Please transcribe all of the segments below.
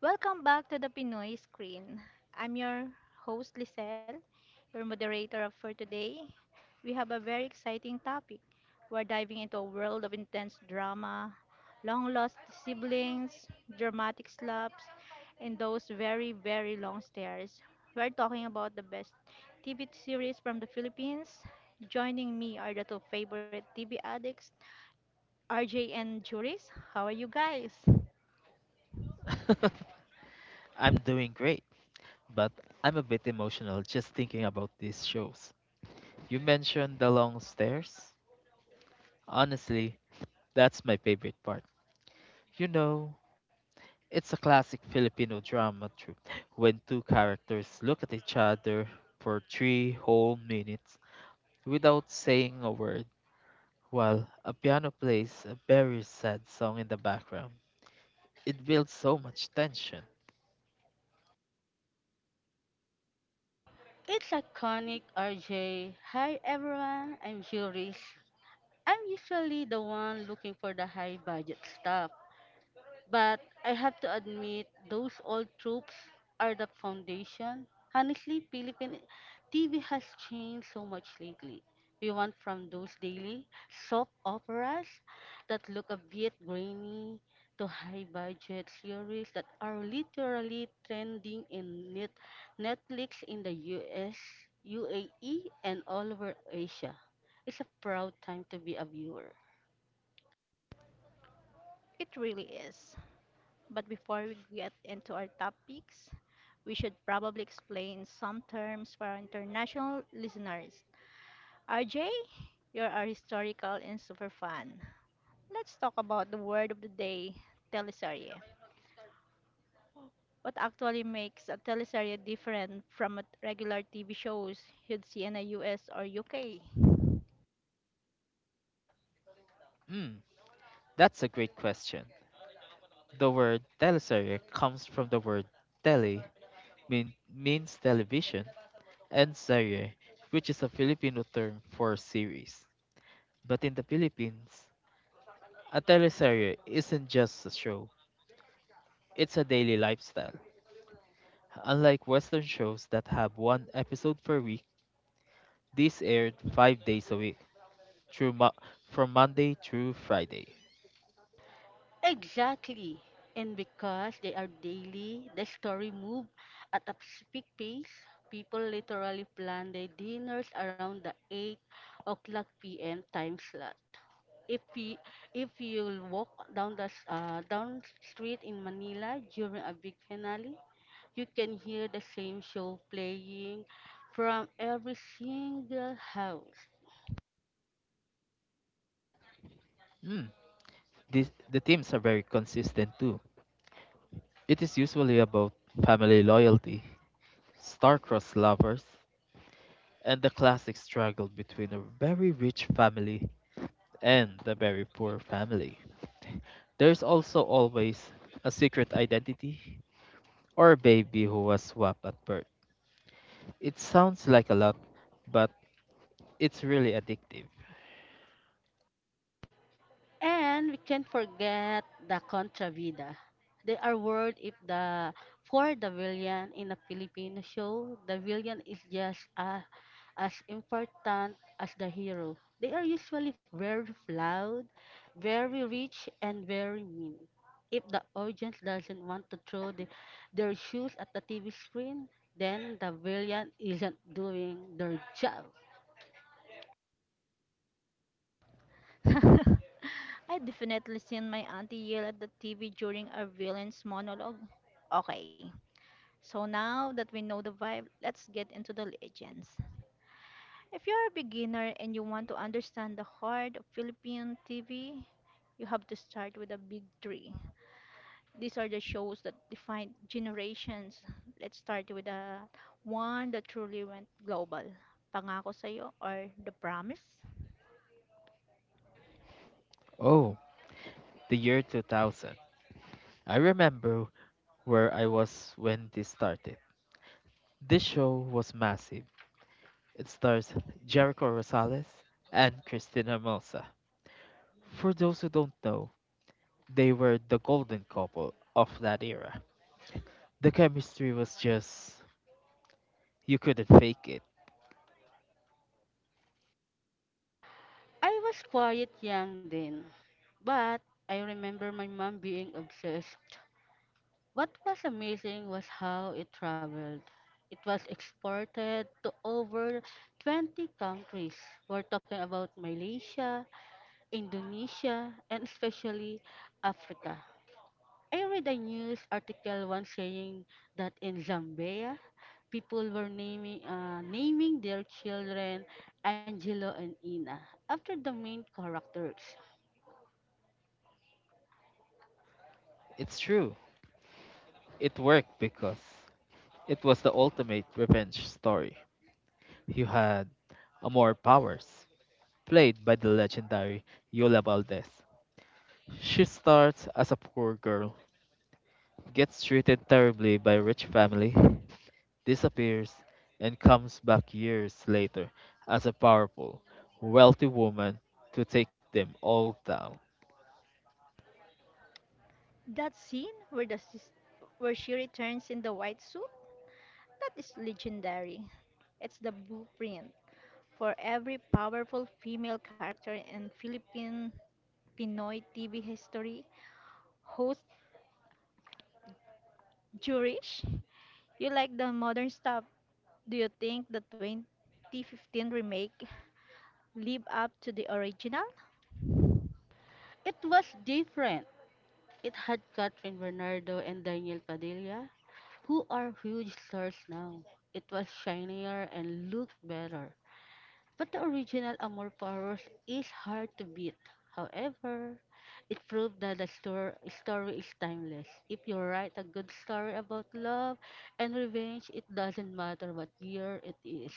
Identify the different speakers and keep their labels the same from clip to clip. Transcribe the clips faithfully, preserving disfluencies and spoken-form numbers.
Speaker 1: Welcome back to the Pinoy Screen. I'm your host Lisel, your moderator of- for today. We have a very exciting topic. We're diving into a world of intense drama, long lost siblings, dramatic slaps, and those very, very long stares. We're talking about the best T V series from the Philippines. Joining me are the two favorite T V addicts, R J and Juris. How are you guys?
Speaker 2: I'm doing great, but I'm a bit emotional just thinking about these shows. You mentioned The Long Stairs? Honestly, that's my favorite part. You know, it's a classic Filipino drama troupe when two characters look at each other for three whole minutes without saying a word while a piano plays a very sad song in the background. It builds so much tension.
Speaker 3: It's iconic, R J. Hi everyone, I'm Juris. I'm usually the one looking for the high budget stuff, but I have to admit, those old troops are the foundation. Honestly, Philippine T V has changed so much lately. We went from those daily soap operas that look a bit grainy to high budget series that are literally trending in net- Netflix in the U S, U A E, and all over Asia. It's a proud time to be a viewer.
Speaker 1: It really is. But before we get into our topics, we should probably explain some terms for our international listeners. R J, you're our historical and super fan. Let's talk about the word of the day, teleserye. What actually makes a teleserye different from a regular T V shows you'd see in the U S or U K?
Speaker 2: Hmm, that's a great question. The word teleserie comes from the word tele, mean, means television, and serie, which is a Filipino term for series. But in the Philippines, a teleserie isn't just a show, it's a daily lifestyle. Unlike Western shows that have one episode per week, these aired five days a week, through mo- from Monday through Friday.
Speaker 3: Exactly. And because they are daily, the story move at a specific pace. People literally plan their dinners around the eight o'clock p m time slot. If you, if you'll walk down the s- uh, down street in Manila during a big finale, you can hear the same show playing from every single house.
Speaker 2: Mm, this, the themes are very consistent too. It is usually about family loyalty, star-crossed lovers, and the classic struggle between a very rich family and a very poor family. There's also always a secret identity or a baby who was swapped at birth. It sounds like a lot, but it's really addictive.
Speaker 3: And we can't forget the Contra Vida. They are word if the for the villain in a Filipino show, the villain is just a, as important as the hero. They are usually very loud, very rich, and very mean. If the audience doesn't want to throw the, their shoes at the T V screen, then the villain isn't doing their job.
Speaker 1: I definitely seen my auntie yell at the T V during a villain's monologue. Okay, so now that we know the vibe, let's get into the legends. If you're a beginner and you want to understand the heart of Philippine T V, you have to start with the big three. These are the shows that define generations. Let's start with the one that truly went global. Pangako Sa'yo or The Promise.
Speaker 2: Oh, the year two thousand. I remember where I was when this started. This show was massive. It stars Jericho Rosales and Christina Hermosa. For those who don't know, they were the golden couple of that era. The chemistry was just, you couldn't fake it.
Speaker 3: I was quiet young then, but I remember my mom being obsessed. What was amazing was how it traveled. It was exported to over twenty countries. We're talking about Malaysia, Indonesia, and especially Africa. I read a news article once saying that in Zambia, people were naming uh, naming their children Angelo and Ina after the main characters.
Speaker 2: It's true, it worked because it was the ultimate revenge story. You had Amor Powers, played by the legendary Yola Valdez. She starts as a poor girl, gets treated terribly by a rich family, disappears, and comes back years later as a powerful, wealthy woman to take them all down.
Speaker 1: That scene where the sis- where she returns in the white suit, that is legendary. It's the blueprint for every powerful female character in Philippine Pinoy T V history, host Jurish. You like the modern stuff. Do you think the twenty fifteen remake live up to the original?
Speaker 3: It was different. It had Catherine Bernardo and Daniel Padilla, who are huge stars now. It was shinier and looked better. But the original Amor Paros is hard to beat. However, it proved that the stor- story is timeless. If you write a good story about love and revenge, it doesn't matter what year it is.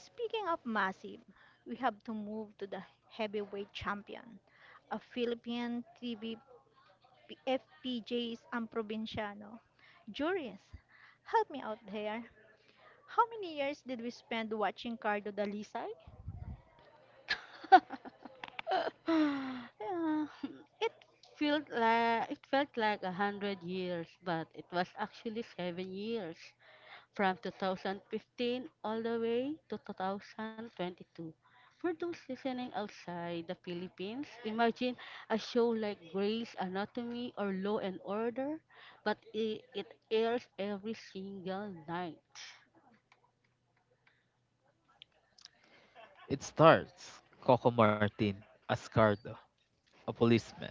Speaker 1: Speaking of massive, we have to move to the heavyweight champion, a Philippine T V P- F P Js and Provinciano. Juries, help me out here. How many years did we spend watching Cardo Dalisay?
Speaker 3: Yeah, it felt like it felt like a hundred years, but it was actually seven years from two thousand fifteen all the way to twenty twenty-two. For those listening outside the Philippines, imagine a show like Grey's Anatomy or Law and Order, but it, it airs every single night.
Speaker 2: It starts Coco Martin Ascardo, a policeman.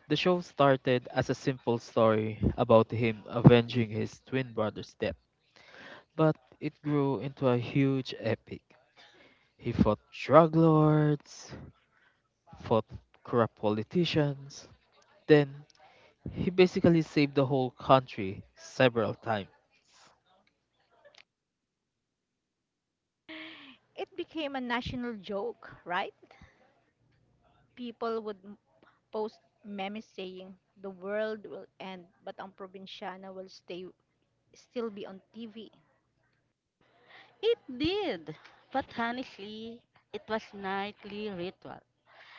Speaker 2: The show started as a simple story about him avenging his twin brother's death, but it grew into a huge epic. He fought drug lords, fought corrupt politicians, then he basically saved the whole country several times.
Speaker 1: It became a national joke, right? People would m- post memes saying the world will end, but ang probinsyana will stay still be on T V.
Speaker 3: It did. But honestly, it was nightly ritual.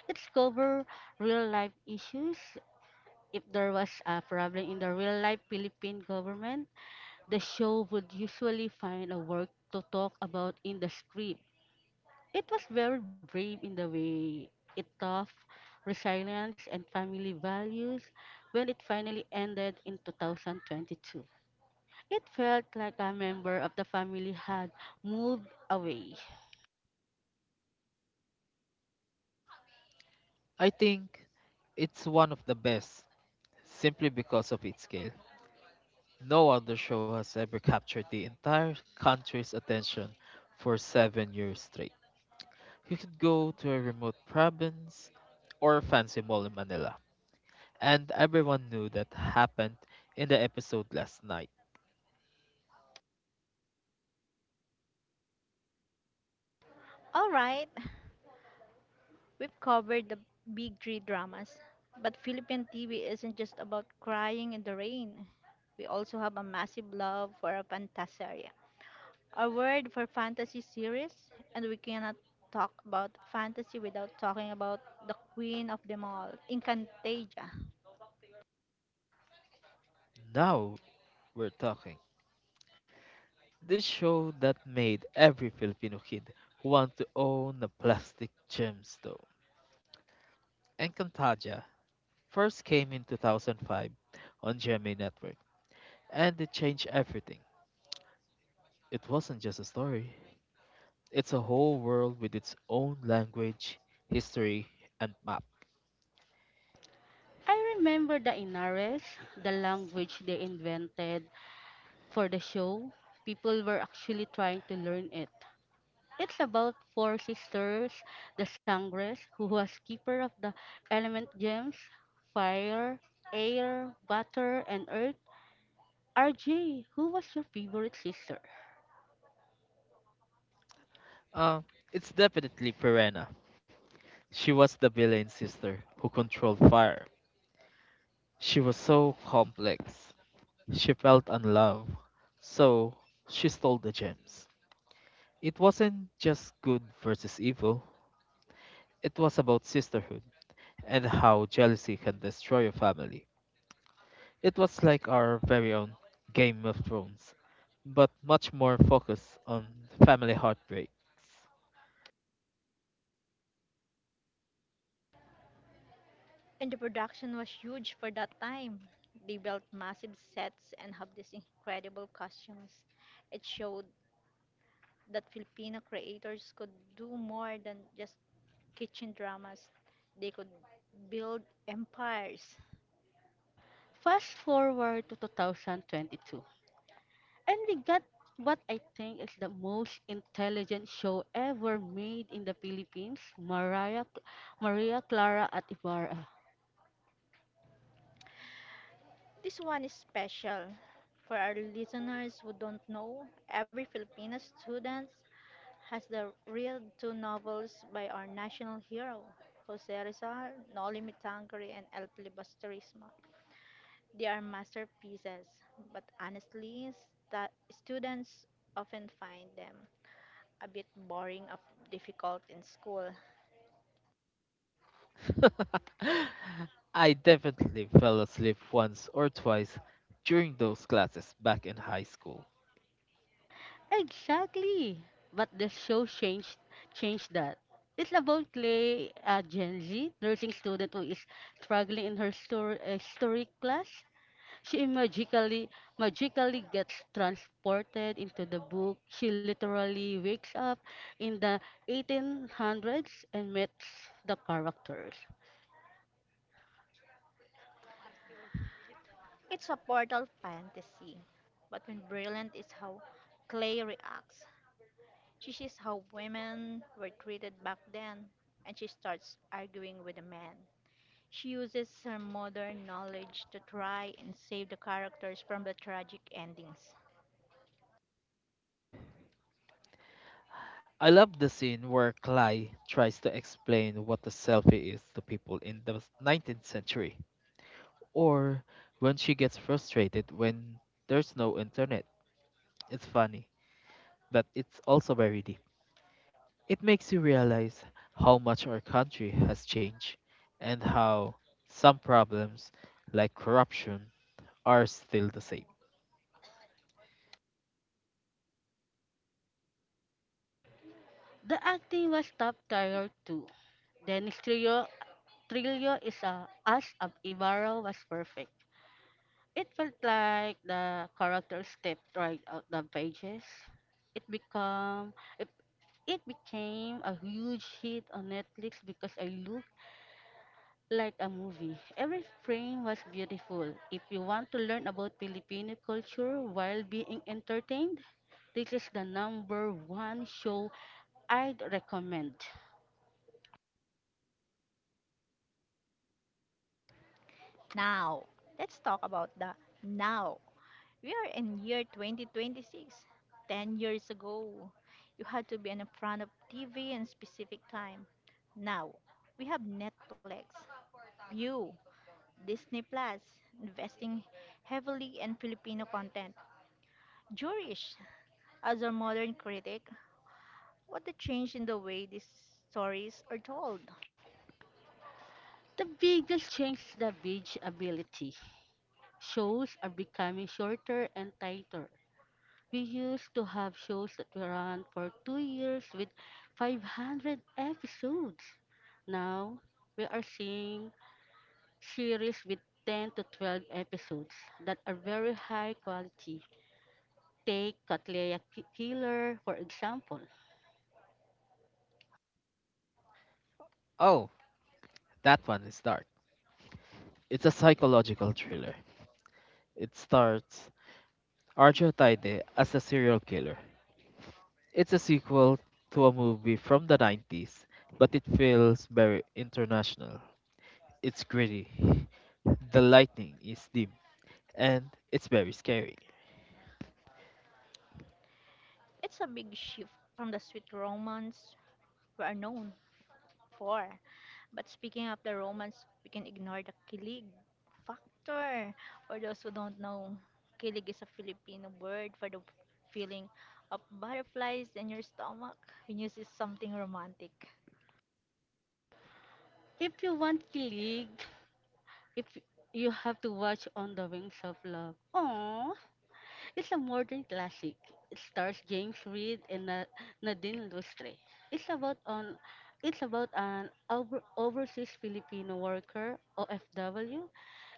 Speaker 3: Let's cover real life issues. If there was a problem in the real life Philippine government, the show would usually find a work to talk about in the script. It was very brave in the way it taught resilience and family values when it finally ended in two thousand twenty-two. It felt like a member of the family had moved away.
Speaker 2: I think it's one of the best simply because of its scale. No other show has ever captured the entire country's attention for seven years straight. You could go to a remote province or a fancy mall in Manila, and everyone knew that happened in the episode last night.
Speaker 1: All right, we've covered the big three dramas, but Philippine T V isn't just about crying in the rain. We also have a massive love for a fantasia, a word for fantasy series, and we cannot talk about fantasy without talking about the queen of them all, Encantaja.
Speaker 2: Now we're talking. This show that made every Filipino kid want to own a plastic gemstone. Encantaja first came in two thousand five on G M A Network, and it changed everything. It wasn't just a story. It's a whole world with its own language, history, and map.
Speaker 3: I remember the Inares, the language they invented, for the show, people were actually trying to learn it. It's about four sisters, the Sangres, who was keeper of the element gems, fire, air, water, and earth. R J, who was your favorite sister?
Speaker 2: Uh, it's definitely Piranha. She was the villain sister who controlled fire. She was so complex. She felt unloved. So she stole the gems. It wasn't just good versus evil, it was about sisterhood and how jealousy can destroy a family. It was like our very own Game of Thrones, but much more focused on family heartbreaks.
Speaker 1: And the production was huge for that time. They built massive sets and have these incredible costumes. It showed that Filipino creators could do more than just kitchen dramas. They could build empires.
Speaker 3: Fast forward to two thousand twenty-two, and we got what I think is the most intelligent show ever made in the Philippines, Mariah, Maria Clara at Ibarra.
Speaker 1: This one is special for our listeners who don't know. Every Filipino student has the read two novels by our national hero, Jose Rizal, Nolimi Tangere, and El Filibusterismo. They are masterpieces, but honestly, stu- students often find them a bit boring or difficult in school.
Speaker 2: I definitely fell asleep once or twice during those classes back in high school.
Speaker 3: Exactly. But the show changed changed that. It's about Clay, a Gen Z nursing student who is struggling in her story, uh, story class. She magically magically gets transported into the book. She literally wakes up in the eighteen hundreds and meets the characters.
Speaker 1: It's a portal fantasy, but when brilliant is how Clay reacts. She sees how women were treated back then, and she starts arguing with the men. She uses her modern knowledge to try and save the characters from the tragic endings.
Speaker 2: I love the scene where Cly tries to explain what a selfie is to people in the nineteenth century, or when she gets frustrated when there's no internet. It's funny, but it's also very deep. It makes you realize how much our country has changed and how some problems, like corruption, are still the same.
Speaker 3: The acting was top tier too. Dennis Trillo, Trillo is a, as of Ibarra was perfect. It felt like the characters stepped right out the pages. It become it, it became a huge hit on Netflix because I looked like a movie. Every frame was beautiful. If you want to learn about Filipino culture while being entertained, this is the number one show I'd recommend.
Speaker 1: Now, let's talk about the now. We are in year twenty twenty-six. ten years ago, you had to be in front of T V in specific time. Now, we have Netflix, View, Disney Plus, investing heavily in Filipino content. Jewish, as a modern critic, what a change in the way these stories are told.
Speaker 3: The biggest change is the binge ability. Shows are becoming shorter and tighter. We used to have shows that were on for two years with five hundred episodes. Now, we are seeing series with ten to twelve episodes that are very high quality. Take Katleya Ki- Killer, for example.
Speaker 2: Oh, that one is dark. It's a psychological thriller. It starts Arjo Taide as a serial killer. It's a sequel to a movie from the nineties, but it feels very international. It's gritty, the lightning is dim, and it's very scary.
Speaker 1: It's a big shift from the sweet romance we are known for. But speaking of the romance, we can ignore the kilig factor. For those who don't know, kilig is a Filipino word for the feeling of butterflies in your stomach when you see something romantic.
Speaker 3: If you want kilig, if you have to watch On the Wings of Love. Aww, it's a modern classic. It stars James Reed and Na- Nadine Lustre. It's about on it's about an over, overseas Filipino worker O F W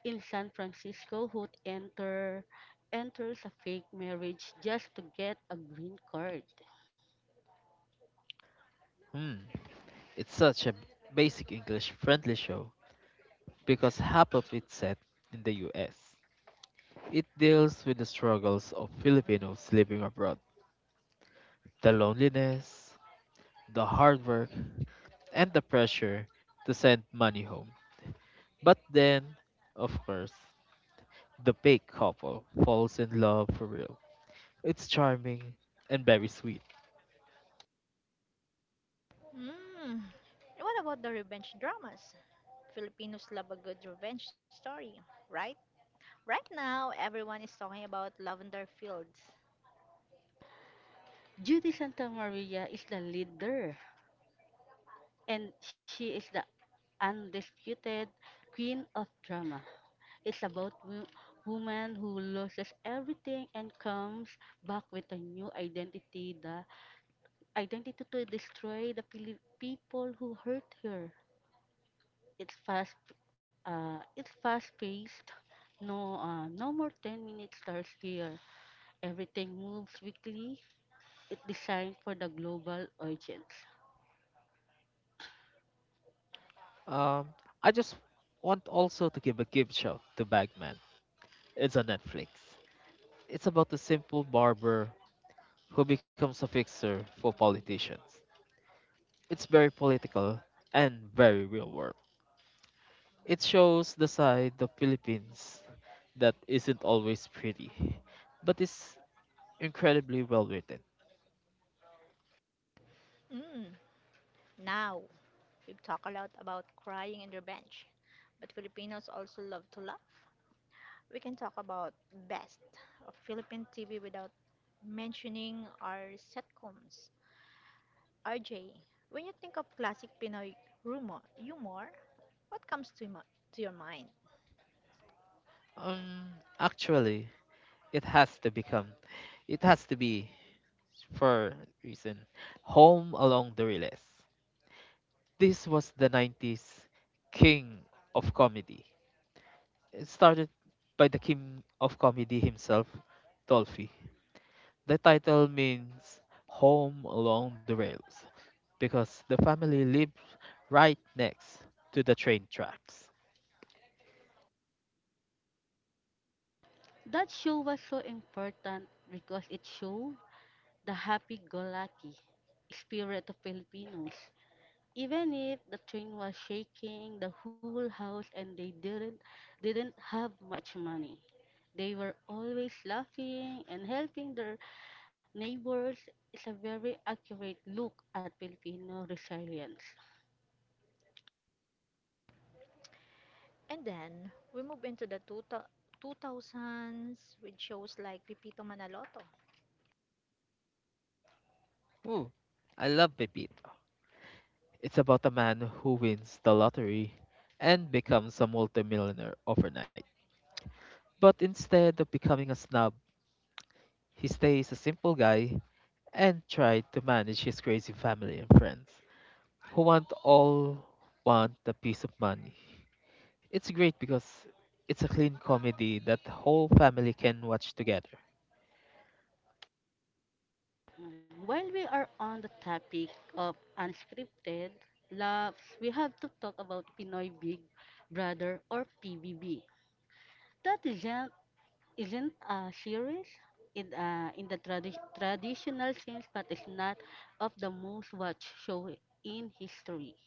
Speaker 3: in San Francisco who enter enters a fake marriage just to get a green card.
Speaker 2: Hmm, it's such a basic English friendly show because half of it's set in the U S. It deals with the struggles of Filipinos living abroad, the loneliness, the hard work, and the pressure to send money home. But then, of course, the big couple falls in love for real. It's charming and very sweet.
Speaker 1: Hmm. And what about the revenge dramas? Filipinos love a good revenge story, right? Right now, everyone is talking about Lavender Fields.
Speaker 3: Judy Santa Maria is the leader and she is the undisputed queen of drama. It's about wo- woman who loses everything and comes back with a new identity, the identity to destroy the pili- people who hurt her. It's fast, uh, it's fast paced. No, uh, no more ten minute stars here. Everything moves quickly. It's designed for the global audience.
Speaker 2: Um, I just want also to give a gift shout to Bagman. It's on Netflix. It's about a simple barber who becomes a fixer for politicians. It's very political and very real world. It shows the side of Philippines that isn't always pretty, but is incredibly well written.
Speaker 1: Mm, now, we've talked a lot about crying and revenge, but Filipinos also love to laugh. We can talk about best of Philippine T V without mentioning our sitcoms. R J, when you think of classic Pinoy rumor, humor, what comes to, mo- to your mind?
Speaker 2: Um, Actually, it has to become, it has to be for a reason, home along the relays. This was the nineties king of comedy. It started by the king of comedy himself, Dolphy. The title means Home Along the Rails because the family lived right next to the train tracks.
Speaker 3: That show was so important because it showed the happy-go-lucky spirit of Filipinos. Even if the train was shaking, the whole house, and they didn't didn't have much money, they were always laughing and helping their neighbors. It's a very accurate look at Filipino resilience.
Speaker 1: And then we move into the two thou- two thousands with shows like Pipito Manaloto.
Speaker 2: Ooh, I love Pepito. It's about a man who wins the lottery and becomes a multimillionaire overnight. But instead of becoming a snob, he stays a simple guy and tried to manage his crazy family and friends who want all want a piece of money. It's great because it's a clean comedy that the whole family can watch together.
Speaker 3: Mm, While we are on the topic of unscripted laughs, we have to talk about Pinoy Big Brother or P B B. That is isn't a series in uh, in the tradi- traditional sense, but is not of the most watched show in history.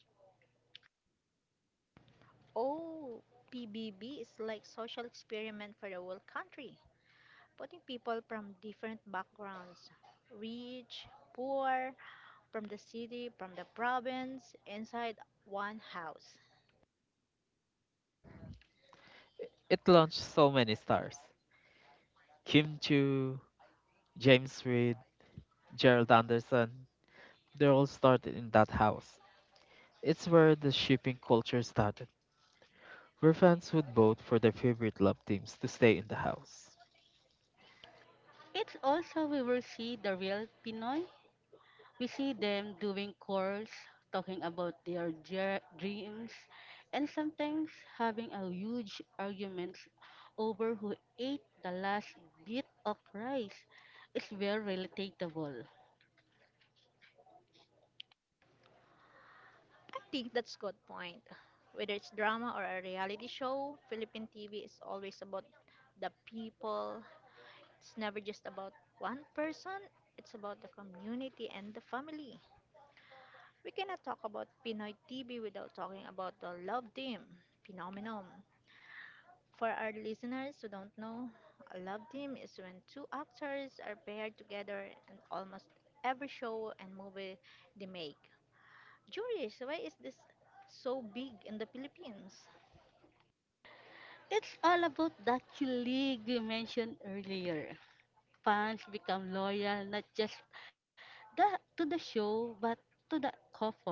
Speaker 1: Oh, P B B is like social experiment for the whole country, putting people from different backgrounds, rich, poor, from the city, from the province, inside one house.
Speaker 2: It launched so many stars. Kim Chu, James Reid, Gerald Anderson, they all started in that house. It's where the shipping culture started, where fans would vote for their favorite love teams to stay in the house.
Speaker 3: It's also we will see the real Pinoy. We see them doing chores, talking about their jer- dreams, and sometimes having a huge arguments over who ate the last bit of rice. It's very relatable.
Speaker 1: I think that's good point. Whether it's drama or a reality show, Philippine T V is always about the people. It's never just about one person, it's about the community and the family. We cannot talk about Pinoy T V without talking about the love team phenomenon. For our listeners who don't know, a love team is when two actors are paired together in almost every show and movie they make. Juries, why is this so big in the Philippines?
Speaker 3: It's all about that colleague we mentioned earlier. Fans become loyal not just the, to the show but to the couple.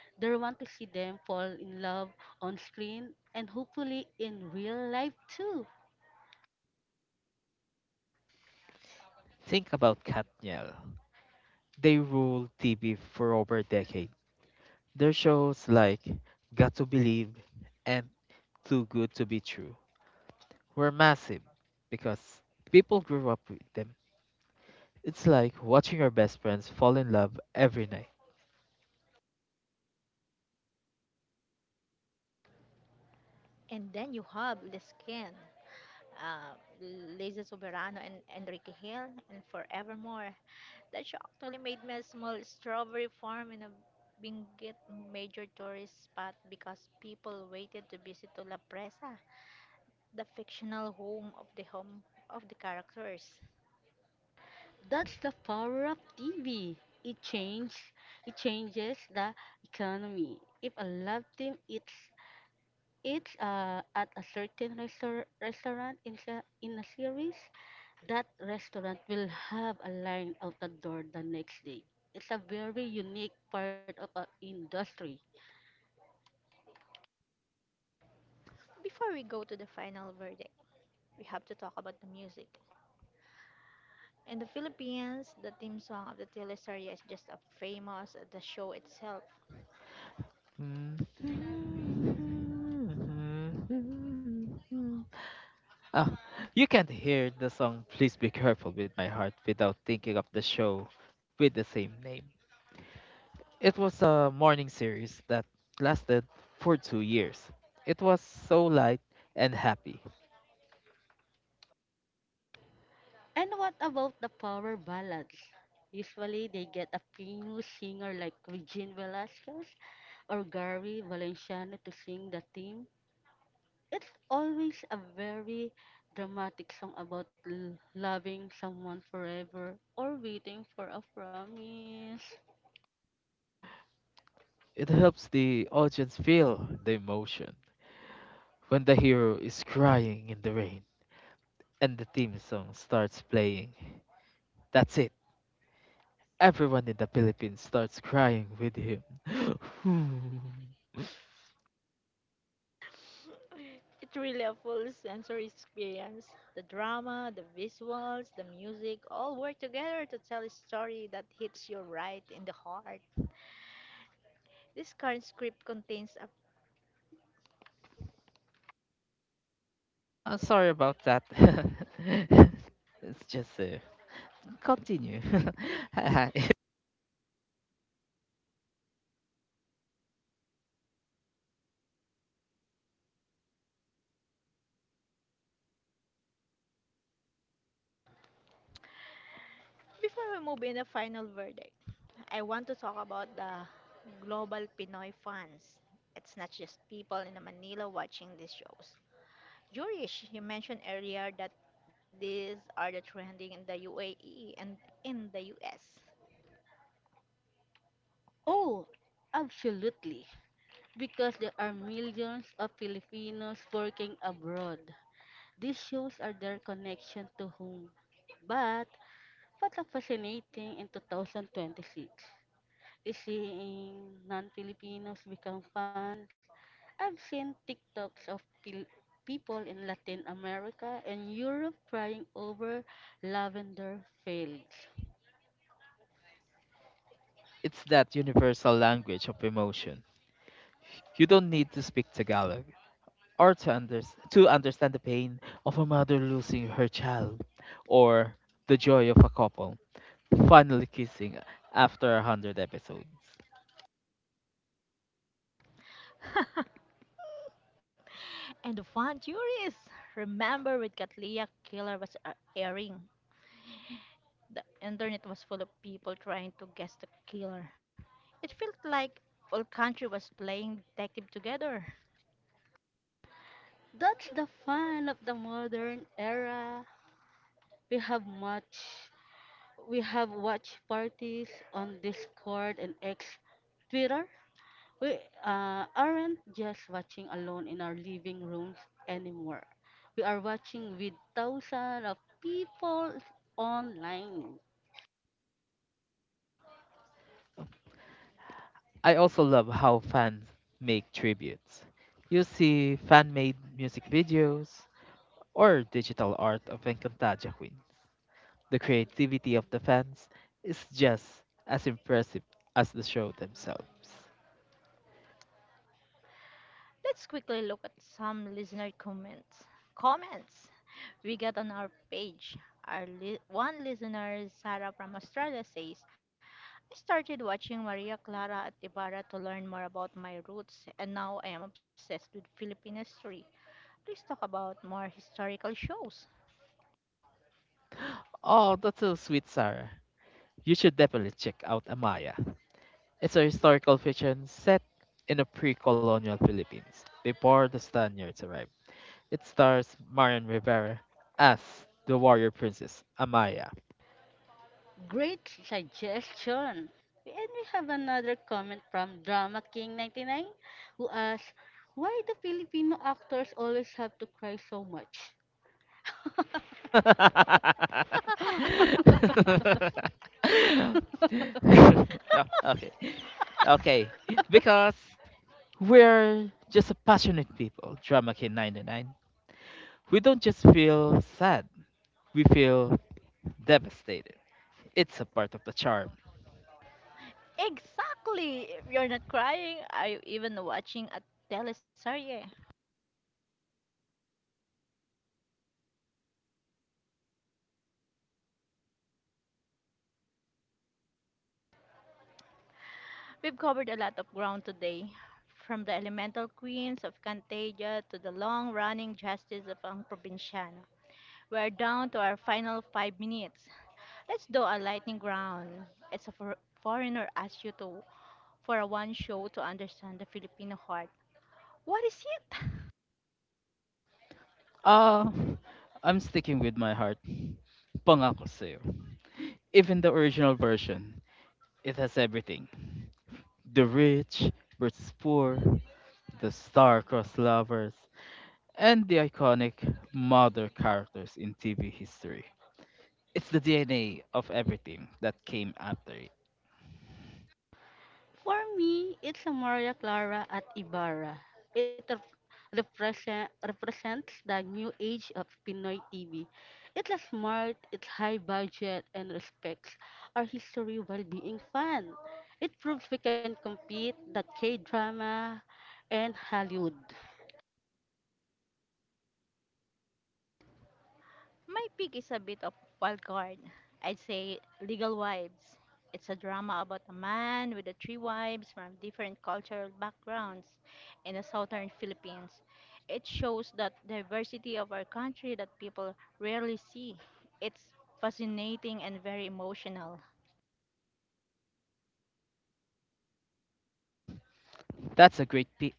Speaker 3: They want to see them fall in love on screen and hopefully in real life too.
Speaker 2: Think about Katniel. They ruled T V for over a decade. Their shows like Got to Believe and Too Good to Be True were massive because people grew up with them. It's like watching your best friends fall in love every night.
Speaker 1: And then you have Lescan uh, Liza Soberano and Enrique Hill and Forevermore. That she actually made me a small strawberry farm in a Benguet major tourist spot because people waited to visit to La Presa, the fictional home of the home of the characters.
Speaker 3: That's the power of T V. It changes it changes the economy. If a love team eats It's uh, at a certain restor- restaurant in, sa- in a series. That restaurant will have a line out the door the next day. It's a very unique part of our industry.
Speaker 1: Before we go to the final verdict, we have to talk about the music. In the Philippines, the theme song of the teleserye is just as famous as the show itself.
Speaker 2: Ah, you can't hear the song Please Be Careful with My Heart without thinking of the show with the same name. It was a morning series that lasted for two years. It was so light and happy.
Speaker 3: And what about the power ballads? Usually, they get a famous singer like Regine Velasquez or Gary Valenciano to sing the theme. It's always a very dramatic song about l- loving someone forever or waiting for a promise.
Speaker 2: It helps the audience feel the emotion. When the hero is crying in the rain and the theme song starts playing, that's it. Everyone in the Philippines starts crying with him.
Speaker 1: It's really a full sensory experience. The drama, the visuals, the music all work together to tell a story that hits you right in the heart. This current script contains a
Speaker 2: I'm sorry about that. it's just uh, Continue.
Speaker 1: before we move in the final verdict, I want to talk about the global Pinoy fans. It's not just people in Manila watching these shows. Jurish, you mentioned earlier that these are the trending in the U A E and in the U S.
Speaker 3: Oh, absolutely. Because there are millions of Filipinos working abroad. These shows are their connection to home. But what a fascinating in two thousand twenty-six. Seeing non-Filipinos become fans. I've seen TikToks of pil- people in Latin America and Europe crying over lavender fields.
Speaker 2: It's that universal language of emotion. You don't need to speak Tagalog, or to, unders to understand the pain of a mother losing her child, or the joy of a couple finally kissing after a hundred episodes.
Speaker 1: And the fun juries! Remember when Katlia killer was uh, airing? The internet was full of people trying to guess the killer. It felt like all country was playing detective together.
Speaker 3: That's the fun of the modern era. We have much we have watch parties on Discord and X Twitter. We uh, aren't just watching alone in our living rooms anymore. We are watching with thousands of people online.
Speaker 2: I also love how fans make tributes. You see fan-made music videos or digital art of Encantaja Queens. The creativity of the fans is just as impressive as the show themselves.
Speaker 1: Let's quickly look at some listener comments. Comments we got on our page. Our li- one listener, Sarah from Australia, says, I started watching Maria Clara at Ibarra to learn more about my roots, and now I am obsessed with Philippine history. Please talk about more historical shows.
Speaker 2: Oh, that's so sweet, Sarah. You should definitely check out Amaya. It's a historical fiction set in the pre-colonial Philippines before the Spaniards arrived. It stars Marion Rivera as the warrior princess Amaya.
Speaker 3: Great suggestion. And we have another comment from Drama King ninety-nine who asks, why do Filipino actors always have to cry so much?
Speaker 2: Oh, okay. Okay. Because we're just a passionate people, Drama K nine nine. We don't just feel sad, we feel devastated. It's a part of the charm.
Speaker 1: Exactly! If you're not crying, are you even watching a teleserie? We've covered a lot of ground today, from the elemental queens of Cantagia to the long running justice of Ang Provinciano. We're down to our final five minutes. Let's do a lightning round. It's a for- foreigner asks you to for a one show to understand the Filipino heart. What is it?
Speaker 2: Ah, I'm sticking with my heart. Pangako sa'yo. Even the original version, it has everything. The rich versus poor, the star-crossed lovers, and the iconic mother characters in T V history. It's the D N A of everything that came after it.
Speaker 3: For me, it's a Maria Clara at Ibarra. It ref- represent, represents the new age of Pinoy T V. It's a smart, it's high budget, and respects our history while being fun. It proves we can compete the K-drama and Hollywood.
Speaker 1: My pick is a bit of wild card. I'd say Legal Wives. It's a drama about a man with the three wives from different cultural backgrounds in the southern Philippines. It shows that diversity of our country that people rarely see. It's fascinating and very emotional.
Speaker 2: That's a great pick.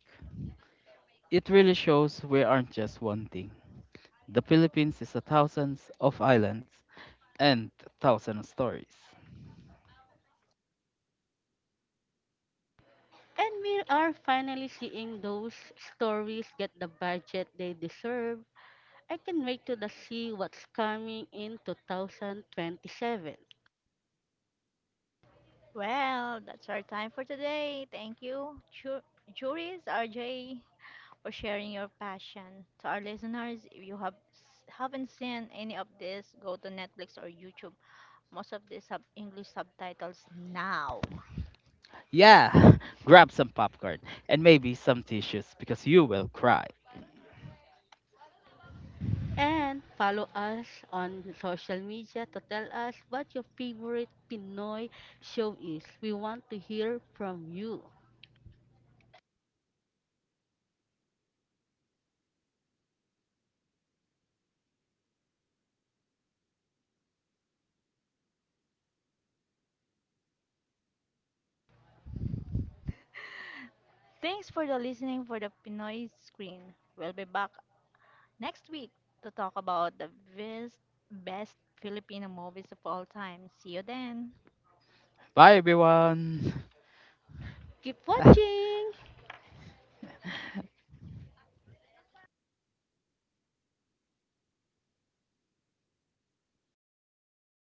Speaker 2: It really shows we aren't just one thing. The Philippines is a thousands of islands and thousands of stories.
Speaker 3: And we are finally seeing those stories get the budget they deserve. I can wait to the see what's coming in two thousand twenty-seven.
Speaker 1: Well, that's our time for today. Thank you, ju- juries, R J, for sharing your passion. To our listeners, if you have s- haven't seen any of this, go to Netflix or YouTube. Most of these have English subtitles now.
Speaker 2: Yeah, grab some popcorn and maybe some tissues because you will cry.
Speaker 3: And follow us on social media to tell us what your favorite Pinoy show is. We want to hear from you.
Speaker 1: Thanks for the listening for the Pinoy screen. We'll be back next week to talk about the best best Filipino movies of all time. See you then.
Speaker 2: Bye, everyone.
Speaker 3: Keep watching!